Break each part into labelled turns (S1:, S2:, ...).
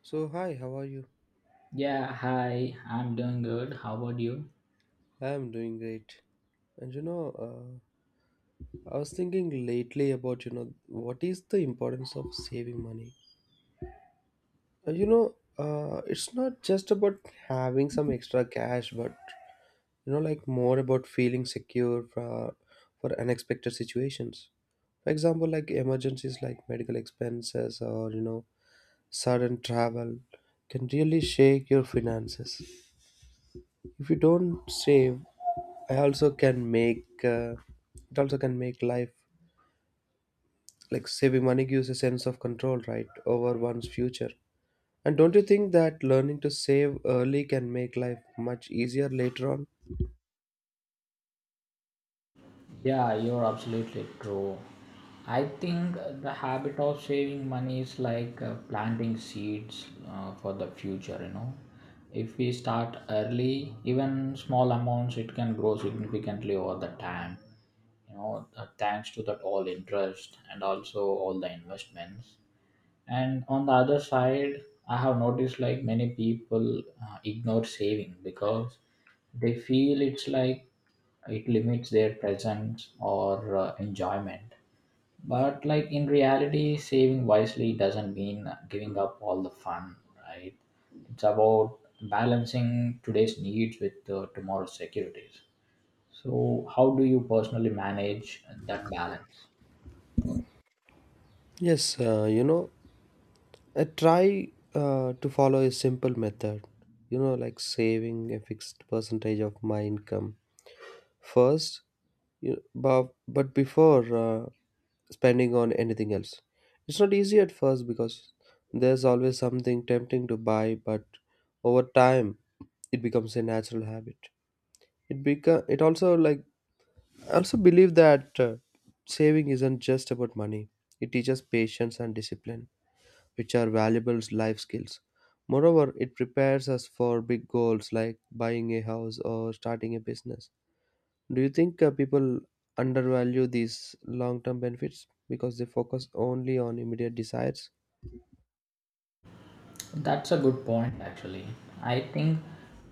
S1: So, hi, how are you?
S2: Yeah, hi, I'm doing good. How about you?
S1: I'm doing great. And I was thinking lately about, what is the importance of saving money? It's not just about having some extra cash, but, like more about feeling secure for unexpected situations. For example, like emergencies like medical expenses or, sudden travel can really shake your finances. If you don't save, I also can make it also can make life like saving money gives a sense of control, right, over one's future. And don't you think that learning to save early can make life much easier later on?
S2: Yeah, you're absolutely true. I think the habit of saving money is like planting seeds for the future. If we start early, even small amounts, it can grow significantly over the time, thanks to that all interest and also all the investments. And on the other side, I have noticed like many people ignore saving because they feel it's like it limits their presence or enjoyment. But like in reality saving wisely doesn't mean giving up all the fun, right? It's about balancing today's needs with tomorrow's securities. So how do you personally manage that balance?
S1: Yes, I try to follow a simple method, like saving a fixed percentage of my income first, you but before spending on anything else. It's not easy at first because there's always something tempting to buy, but over time it becomes a natural habit. It beca- it also like I also believe that saving isn't just about money. It teaches patience and discipline, which are valuable life skills. Moreover, it prepares us for big goals like buying a house or starting a business. Do you think people undervalue these long term benefits because they focus only on immediate desires?
S2: That's a good point, actually. I think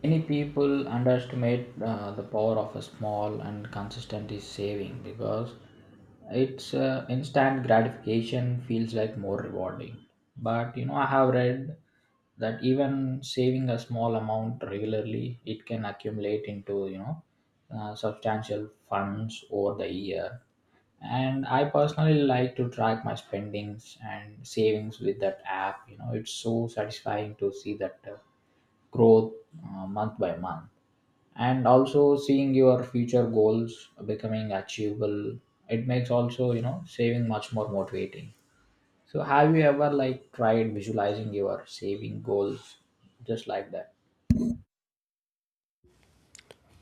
S2: many people underestimate the power of a small and consistent is saving because it's instant gratification feels like more rewarding. But I have read that even saving a small amount regularly, it can accumulate into substantial funds over the year. And I personally like to track my spendings and savings with that app. It's so satisfying to see that growth month by month, and also seeing your future goals becoming achievable, it makes also saving much more motivating. So have you ever like tried visualizing your saving goals, just like that?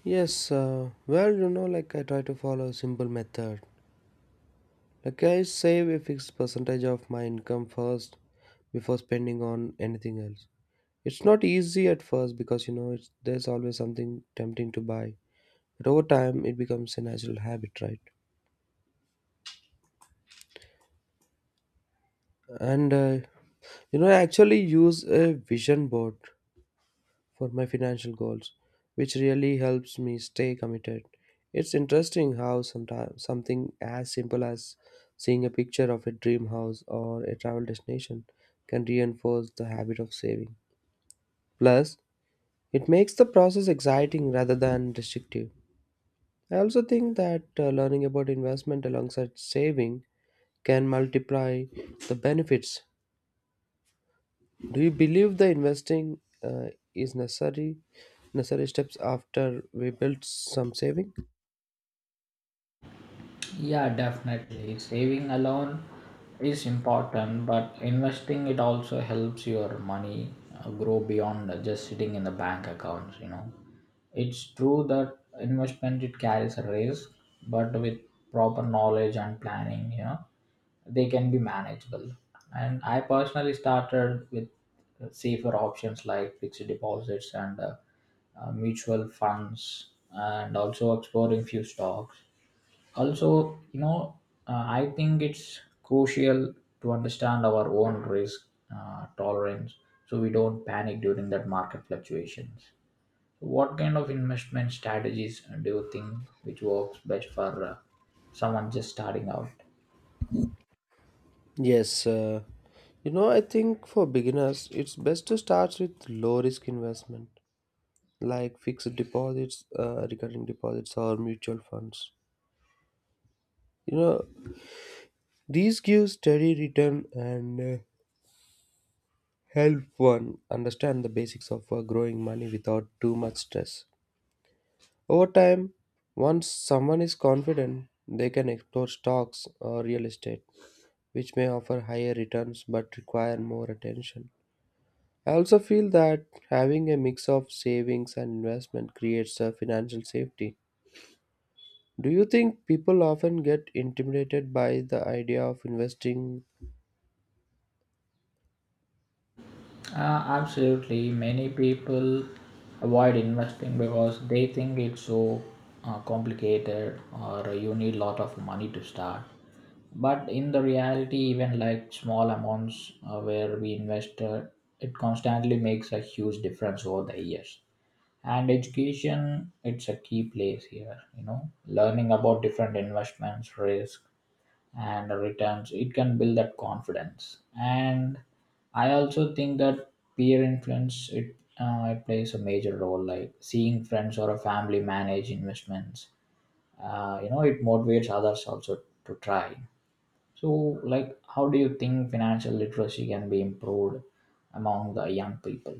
S1: Yes, well, like I try to follow a simple method. Like I save a fixed percentage of my income first before spending on anything else. It's not easy at first because there's always something tempting to buy, but over time it becomes a natural habit, right? And I actually use a vision board for my financial goals, which really helps me stay committed. It's interesting how sometimes something as simple as seeing a picture of a dream house or a travel destination can reinforce the habit of saving. Plus, it makes the process exciting rather than restrictive. I also think that learning about investment alongside saving can multiply the benefits. Do you believe the investing is necessary steps after we build some saving?
S2: Yeah, definitely. Saving alone is important, but investing it also helps your money grow beyond just sitting in the bank accounts, you know. It's true that investment it carries a risk, but with proper knowledge and planning, they can be manageable. And I personally started with safer options like fixed deposits and mutual funds and also exploring few stocks also. I think it's crucial to understand our own risk tolerance, so we don't panic during that market fluctuations. So what kind of investment strategies do you think which works best for someone just starting out?
S1: Yes, I think for beginners it's best to start with low risk investment like fixed deposits, recurring deposits, or mutual funds. You know these give steady return and help one understand the basics of growing money without too much stress. Over time, once someone is confident, they can explore stocks or real estate, which may offer higher returns but require more attention. I also feel that having a mix of savings and investment creates a financial safety. Do you think people often get intimidated by the idea of investing?
S2: Absolutely. Many people avoid investing because they think it's so complicated or you need a lot of money to start. But in the reality, even like small amounts where we invest, it constantly makes a huge difference over the years. And education, it's a key place here, learning about different investments, risk, and returns, it can build that confidence. And I also think that peer influence it plays a major role. Like seeing friends or a family manage investments, you know, it motivates others also to try. So, like, how do you think financial literacy can be improved among the young people?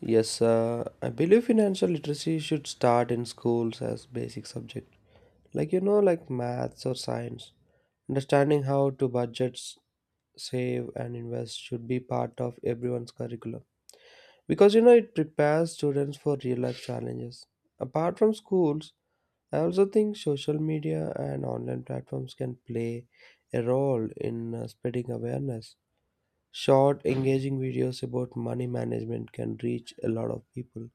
S1: Yes, I believe financial literacy should start in schools as basic subject, like like maths or science. Understanding how to budget save and invest should be part of everyone's curriculum because it prepares students for real life challenges. Apart from schools, I also think social media and online platforms can play a role in spreading awareness. Short engaging videos about money management can reach a lot of people.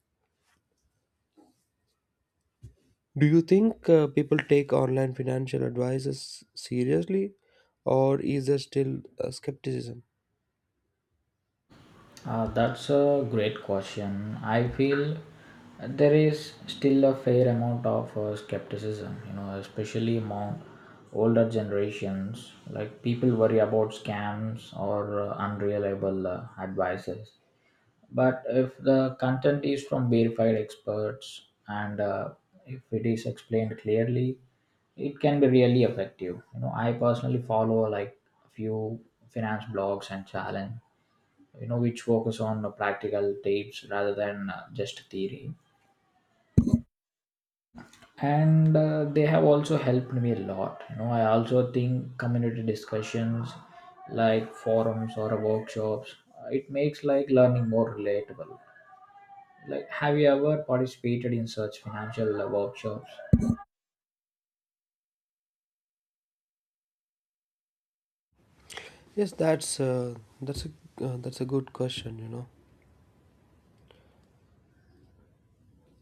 S1: Do you think people take online financial advices seriously or is there still skepticism?
S2: That's a great question. I feel there is still a fair amount of skepticism, especially among older generations. Like people worry about scams or unreliable advices. But if the content is from verified experts and if it is explained clearly, it can be really effective. I personally follow like a few finance blogs and challenge, which focus on practical tips rather than just theory, and they have also helped me a lot. I also think community discussions like forums or workshops, it makes like learning more relatable. Like have you ever participated in such financial workshops?
S1: Yes, that's a that's a good question.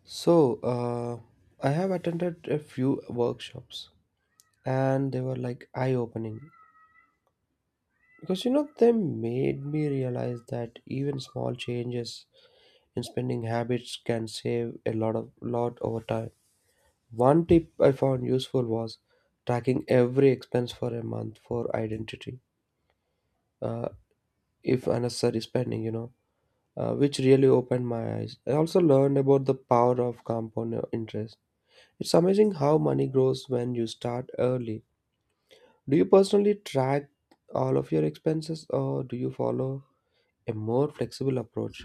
S1: So, I have attended a few workshops and they were like eye-opening because they made me realize that even small changes in spending habits can save a lot of lot over time. One tip I found useful was tracking every expense for a month for identity. Uh, if unnecessary spending, which really opened my eyes. I also learned about the power of compound interest. It's amazing how money grows when you start early. Do you personally track all of your expenses or do you follow a more flexible approach?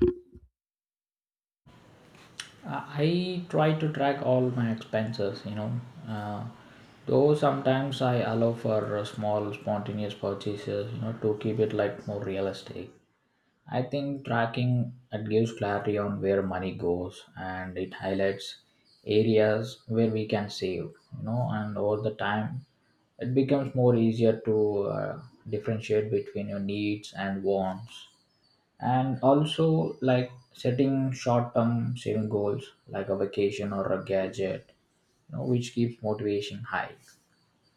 S2: I try to track all my expenses, you know. Uh, though sometimes I allow for small spontaneous purchases, to keep it like more realistic. I think tracking it gives clarity on where money goes and it highlights areas where we can save, and over the time it becomes more easier to differentiate between your needs and wants. And also like setting short-term saving goals like a vacation or a gadget, which keeps motivation high.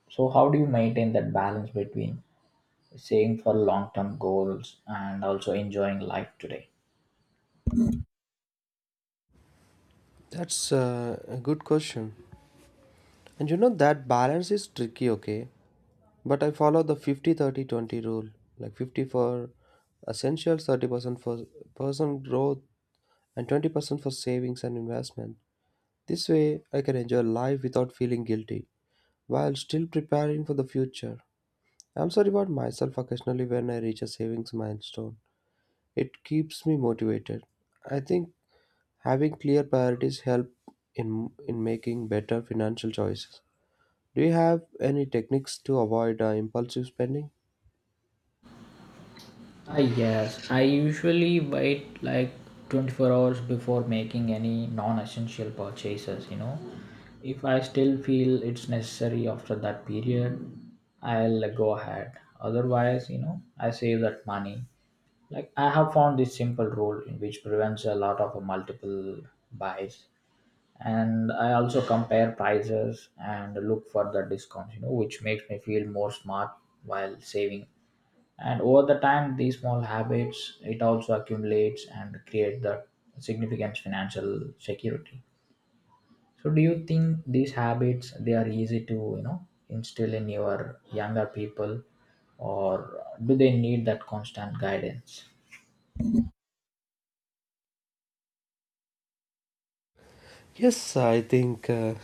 S2: So how do you maintain that balance between saving for long-term goals and also enjoying life today?
S1: That's a good question. And you know that balance is tricky, okay? But I follow the 50 30 20 rule like 50 for essentials, 30% for personal growth, and 20% for savings and investment. This way, I can enjoy life without feeling guilty while still preparing for the future. I'm sorry about myself occasionally when I reach a savings milestone. It keeps me motivated. I think having clear priorities help in in making better financial choices. Do you have any techniques to avoid impulsive spending?
S2: Ah, yes, I usually wait like 24 hours before making any non essential purchases. If I still feel it's necessary after that period, I'll go ahead. Otherwise, I save that money. Like, I have found this simple rule in which prevents a lot of multiple buys. And I also compare prices and look for the discounts, which makes me feel more smart while saving. And over the time these small habits it also accumulates and create the significant financial security. So do you think these habits they are easy to instill in your younger people, or do they need that constant guidance?
S1: Yes, I think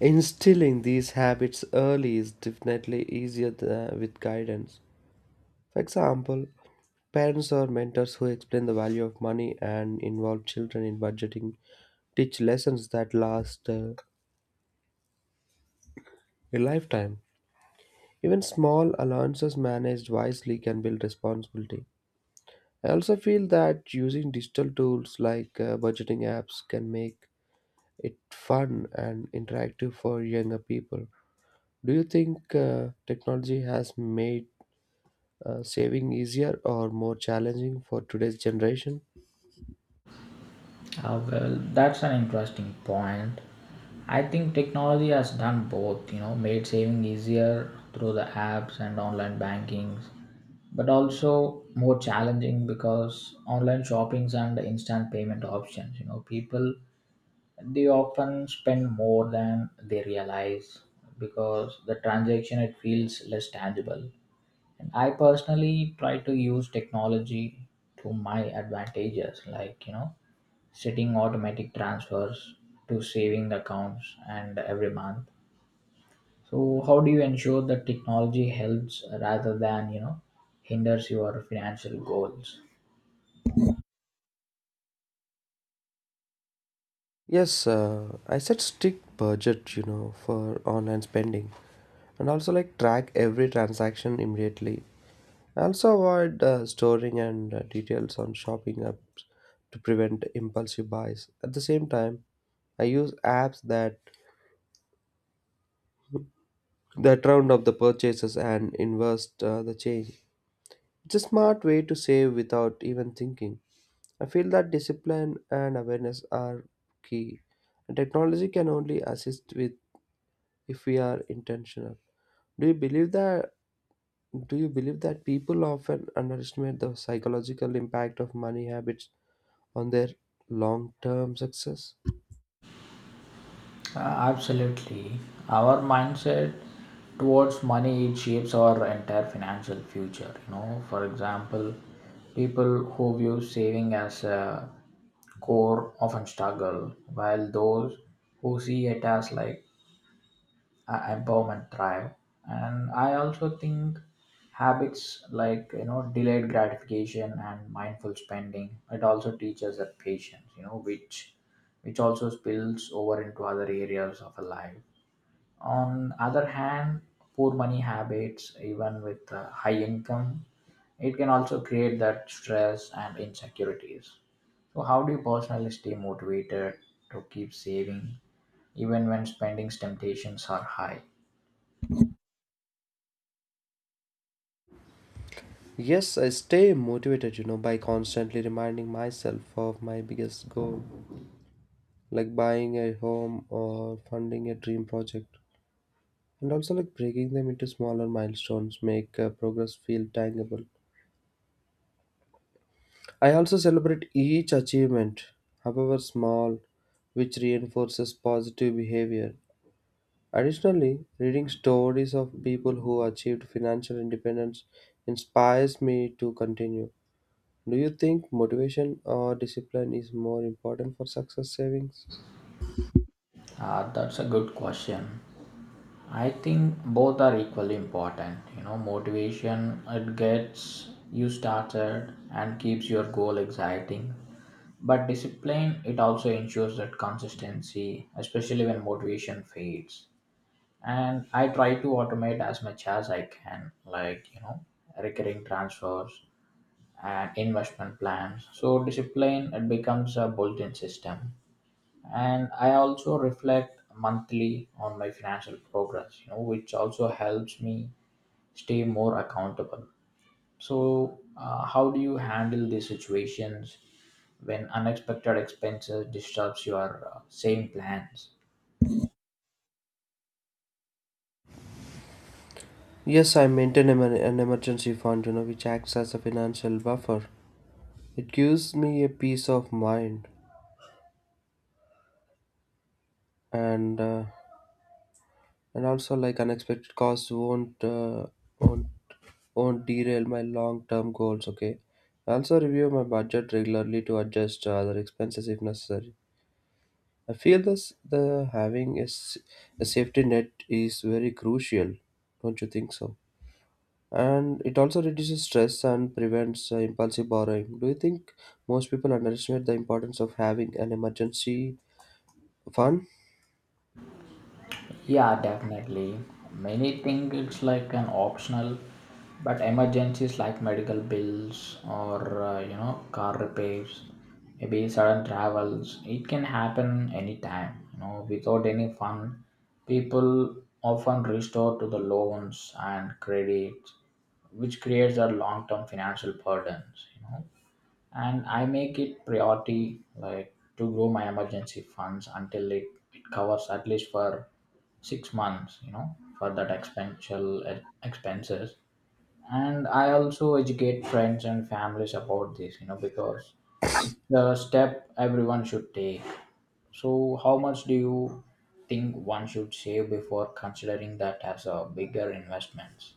S1: instilling these habits early is definitely easier with guidance. For example, parents or mentors who explain the value of money and involve children in budgeting, teach lessons that last a lifetime. Even small allowances managed wisely can build responsibility. I also feel that using digital tools like budgeting apps can make it fun and interactive for younger people. Do you think technology has made saving easier or more challenging for today's generation?
S2: Ah, well, that's an interesting point. I think technology has done both, made saving easier through the apps and online bankings, but also more challenging because online shoppings and instant payment options, people they often spend more than they realize because the transaction it feels less tangible. And I personally try to use technology to my advantages, like, setting automatic transfers to saving accounts and every month. So how do you ensure that technology helps rather than hinders your financial goals?
S1: Yes, I set strict budget, for online spending and also like track every transaction immediately. I also avoid storing and details on shopping apps to prevent impulsive buys. At the same time, I use apps that round up the purchases and invest the change. It's a smart way to save without even thinking. I feel that discipline and awareness are key. And technology can only assist with if we are intentional. Do you believe that do you believe that people often underestimate the psychological impact of money habits on their long-term success?
S2: Absolutely. Our mindset towards money it shapes our entire financial future. You know, for example, people who view saving as a core often struggle, while those who see it as like empowerment thrive. And I also think habits like, delayed gratification and mindful spending, it also teaches that patience, which also spills over into other areas of a life. On other hand, poor money habits, even with high income, it can also create that stress and insecurities. So how do you personally stay motivated to keep saving even when spending's temptations are high?
S1: Yes, I stay motivated, by constantly reminding myself of my biggest goal, like buying a home or funding a dream project. And also like breaking them into smaller milestones make progress feel tangible. I also celebrate each achievement, however small, which reinforces positive behavior. Additionally, reading stories of people who achieved financial independence inspires me to continue. Do you think motivation or discipline is more important for success savings?
S2: That's a good question. I think both are equally important. You know, motivation it gets you started and keeps your goal exciting. But discipline it also ensures that consistency, especially when motivation fades. And I try to automate as much as I can, like, recurring transfers and investment plans. So discipline it becomes a built-in system. And I also reflect monthly on my financial progress, which also helps me stay more accountable. So how do you handle these situations when unexpected expenses disrupts your same plans?
S1: Yes, I maintain an emergency fund, which acts as a financial buffer. It gives me a peace of mind and uh, and also like unexpected costs won't won't won't derail my long term goals. Okay, I also review my budget regularly to adjust other expenses if necessary. I feel this the having a safety net is very crucial. Don't you think so? And it also reduces stress and prevents impulsive borrowing. Do you think most people underestimate the importance of having an emergency fund?
S2: Yeah, definitely. Many think it's like an optional, but emergencies like medical bills or you know car repairs, maybe sudden travels, it can happen anytime. You know, without any fund, people often restore to the loans and credits, which creates a long-term financial burdens. And I make it priority like to grow my emergency funds until it covers at least for 6 months, for that expensive expenses. And I also educate friends and families about this, because the step everyone should take. So how much do you think one should save before considering that as a bigger investment?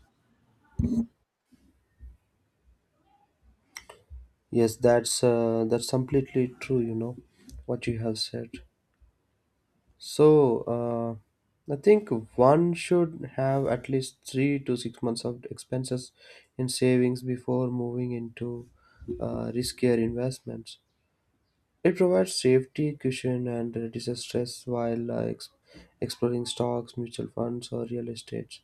S1: Yes, that's completely true. You know what you have said. So, I think one should have at least 3 to 6 months of expenses in savings before moving into riskier investments. It provides safety, cushion, and reduces stress while exploring stocks, mutual funds, or real estate.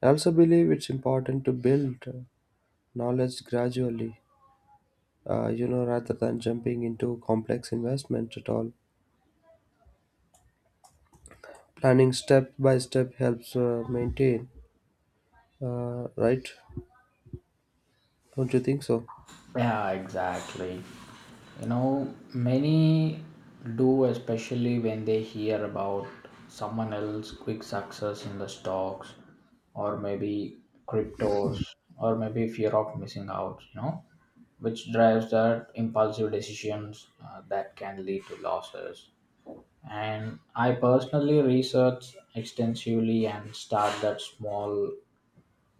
S1: I also believe it's important to build knowledge gradually, rather than jumping into complex investments at all. Planning step by step helps maintain. Right? Don't you think so?
S2: Yeah, exactly. You know, many do, especially when they hear about someone else' quick success in the stocks, or maybe cryptos, or maybe fear of missing out, which drives their impulsive decisions that can lead to losses. And I personally research extensively and start that small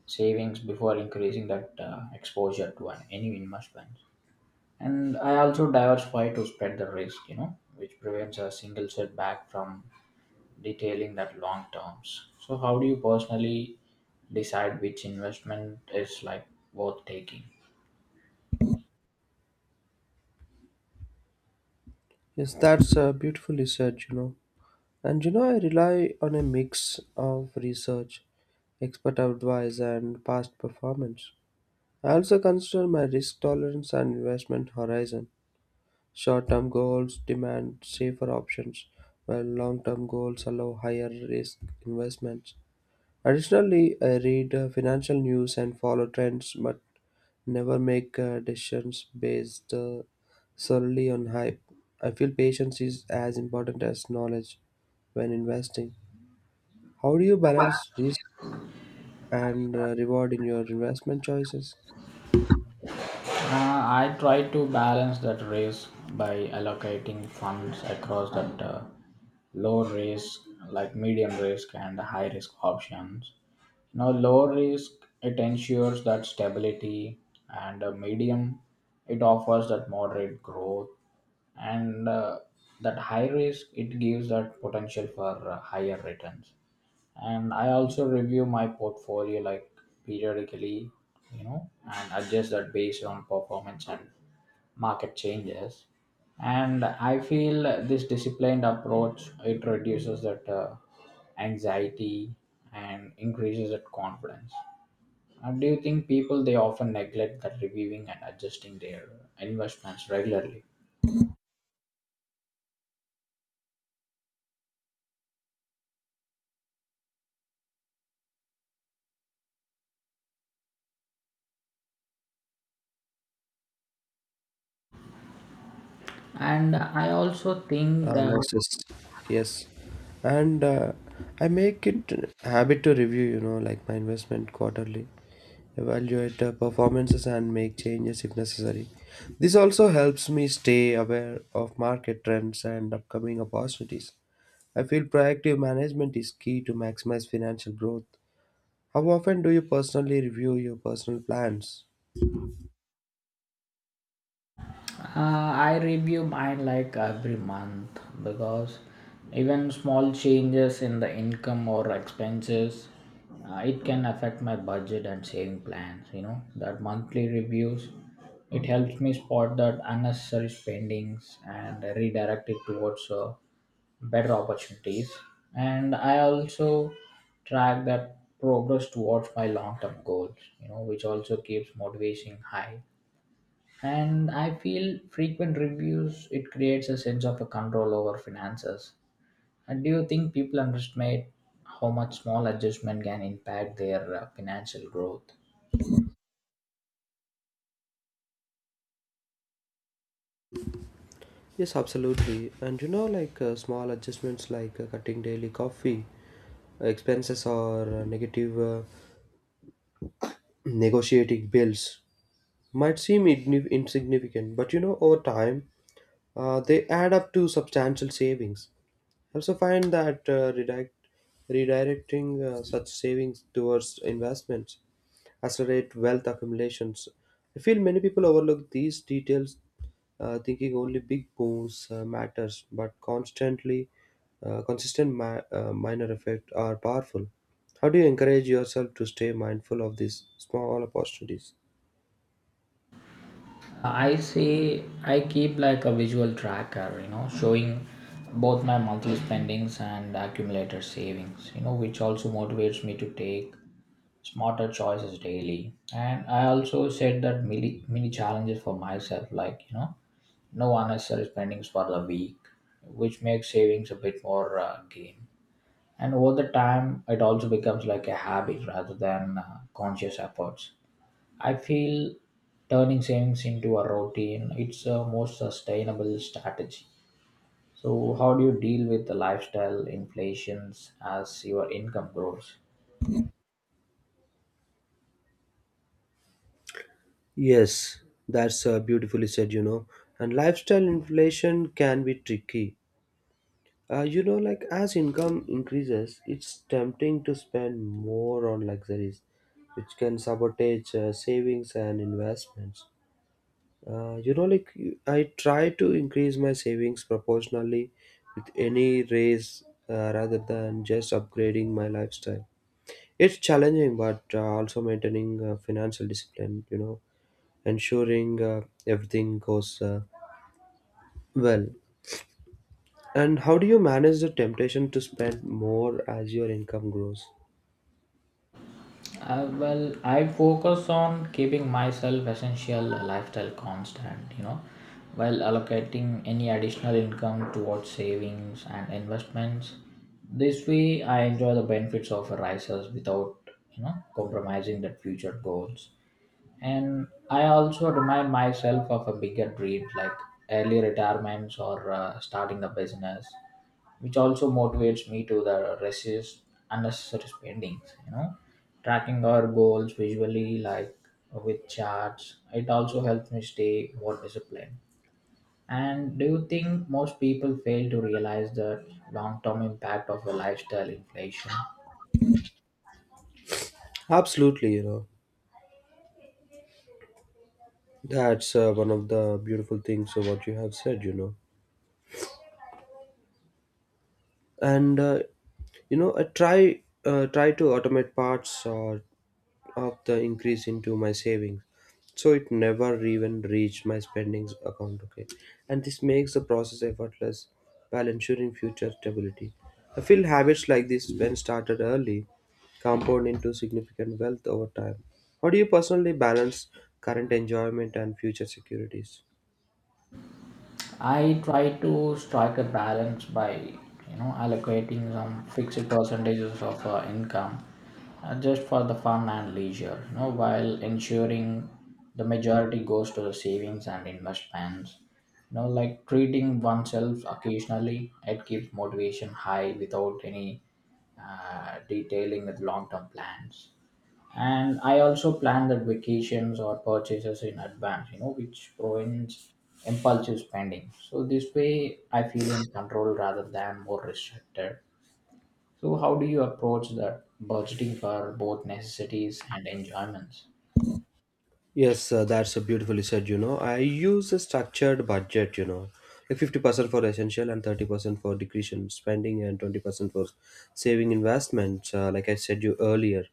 S2: savings before increasing that exposure to any investment. And I also diversify to spread the risk, which prevents a single setback from detailing that long terms. So, how do you personally decide which investment is like worth taking?
S1: Yes, that's beautifully said. And I rely on a mix of research, expert advice, and past performance. I also consider my risk tolerance and investment horizon. Short term goals demand safer options, while long term goals allow higher risk investments. Additionally, I read financial news and follow trends, but never make decisions based solely on hype. I feel patience is as important as knowledge when investing. How do you balance risk and reward in your investment choices?
S2: I try to balance that risk by allocating funds across that low risk, like medium risk, and high risk options. Now, low risk, it ensures that stability, and a medium, it offers that moderate growth, and that high risk, it gives that potential for higher returns. And I also review my portfolio like periodically, and adjust that based on performance and market changes. And I feel this disciplined approach it reduces that anxiety and increases that confidence. Do you think people they often neglect that reviewing and adjusting their investments regularly? And I also think
S1: Uh,
S2: that.
S1: losses. Yes. And I make it a habit to review, like my investment quarterly, evaluate performances and make changes if necessary. This also helps me stay aware of market trends and upcoming opportunities. I feel proactive management is key to maximize financial growth. How often do you personally review your personal plans?
S2: I review mine like every month because even small changes in the income or expenses it can affect my budget and saving plans. That monthly reviews it helps me spot that unnecessary spendings and redirect it towards better opportunities. And I also track that progress towards my long term goals, which also keeps motivation high. And I feel frequent reviews it creates a sense of a control over finances. And do you think people underestimate how much small adjustment can impact their financial growth?
S1: Yes, absolutely. And like small adjustments like cutting daily coffee expenses or negative negotiating bills might seem insignificant, but over time, they add up to substantial savings. I also find that redirecting such savings towards investments accelerate wealth accumulations. I feel many people overlook these details, thinking only big moves matters, but constantly consistent minor effects are powerful. How do you encourage yourself to stay mindful of these small opportunities?
S2: I say I keep like a visual tracker, showing both my monthly spendings and accumulated savings, which also motivates me to take smarter choices daily. And I also set that mini challenges for myself, like, no unnecessary spendings for the week, which makes savings a bit more game. And over the time, it also becomes like a habit rather than conscious efforts. I feel turning savings into a routine it's a more sustainable strategy. So, how do you deal with the lifestyle inflations as your income grows?
S1: Yes, that's beautifully said. And lifestyle inflation can be tricky. Like as income increases, it's tempting to spend more on luxuries, which can sabotage savings and investments. Like I try to increase my savings proportionally with any raise rather than just upgrading my lifestyle. It's challenging, but also maintaining financial discipline, ensuring everything goes well. And how do you manage the temptation to spend more as your income grows?
S2: Well, I focus on keeping myself essential lifestyle constant, while allocating any additional income towards savings and investments. This way, I enjoy the benefits of rises without, compromising that future goals. And I also remind myself of a bigger dream like early retirements or starting a business, which also motivates me to the resist unnecessary spendings. Tracking our goals visually like with charts it also helps me stay more disciplined. And do you think most people fail to realize the long-term impact of a lifestyle inflation?
S1: Absolutely. That's one of the beautiful things of what you have said. And I try to automate parts of the increase into my savings so it never even reached my spendings account. Okay, and this makes the process effortless while ensuring future stability. I feel habits like this when started early compound into significant wealth over time. How do you personally balance current enjoyment and future securities?
S2: I try to strike a balance by allocating some fixed percentages of income just for the fun and leisure, while ensuring the majority goes to the savings and investments. Like treating oneself occasionally, it keeps motivation high without any detailing with long-term plans. And I also plan the vacations or purchases in advance, which prevents impulsive spending. So this way I feel in control rather than more restricted. So how do you approach the budgeting for both necessities and enjoyments?
S1: Yes, that's a beautifully said. I use a structured budget. Like 50% for essential and 30% for discretion spending and 20% for saving investments. Like I said you earlier,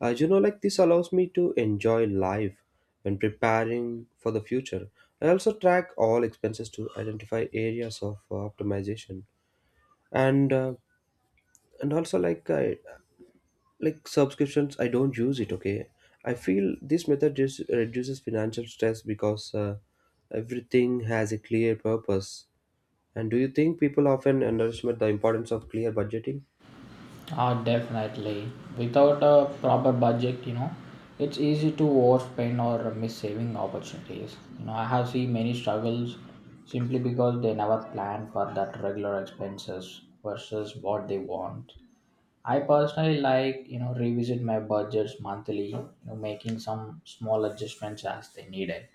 S1: like this allows me to enjoy life when preparing for the future. I also track all expenses to identify areas of optimization and uh, and also like I like subscriptions I don't use it. Okay, I feel this method just reduces financial stress because everything has a clear purpose. And do you think people often underestimate the importance of clear budgeting?
S2: Ah, definitely. Without a proper budget, it's easy to overspend or miss saving opportunities. You know, I have seen many struggles simply because they never plan for that regular expenses versus what they want. I personally like, revisit my budgets monthly, making some small adjustments as they needed.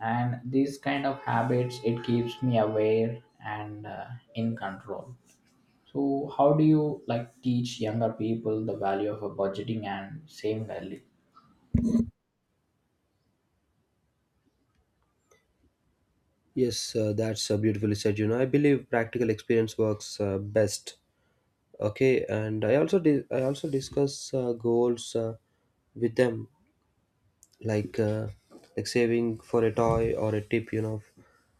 S2: And these kind of habits, it keeps me aware and in control. So, how do you like teach younger people the value of a budgeting and saving early?
S1: Yes, that's beautifully said. I believe practical experience works best. Okay, and I also discuss goals with them, like like saving for a toy or a tip,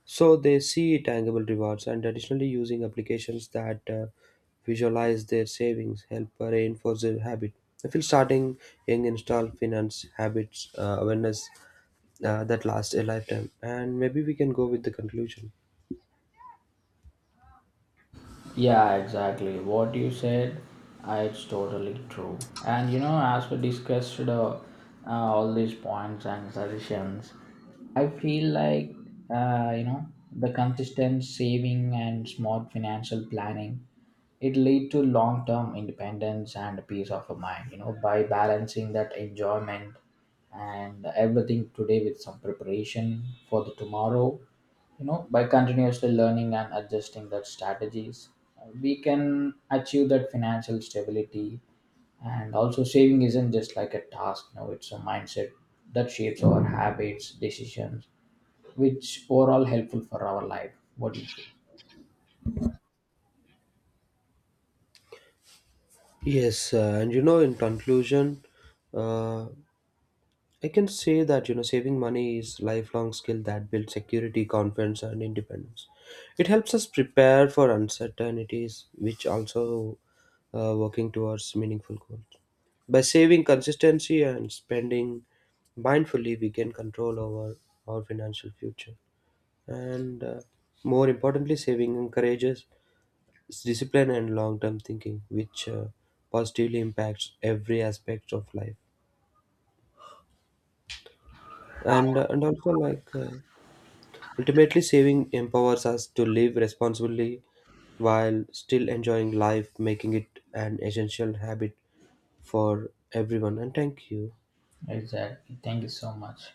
S1: so they see tangible rewards. And additionally, using applications that visualize their savings help reinforce their habit. I feel starting young install finance habits awareness that lasts a lifetime. And maybe we can go with the conclusion.
S2: Yeah, exactly. What you said, it's totally true. And as we discussed all these points and suggestions, I feel like uh, you know the consistent saving and smart financial planning it lead to long term independence and peace of mind. You know, by balancing that enjoyment and everything today with some preparation for the tomorrow, by continuously learning and adjusting that strategies, we can achieve that financial stability. And also saving isn't just like a task, no, it's a mindset that shapes our habits decisions, which overall helpful for our life. What do you say?
S1: Yes, and in conclusion, uh, I can say that saving money is lifelong skill that builds security, confidence, and independence. It helps us prepare for uncertainties, which also working towards meaningful goals. By saving consistency and spending mindfully, we gain control over our financial future. And more importantly, saving encourages discipline and long-term thinking, which positively impacts every aspect of life. And also like. Ultimately, saving empowers us to live responsibly while still enjoying life, making it an essential habit for everyone. And thank you.
S2: Exactly, thank you so much.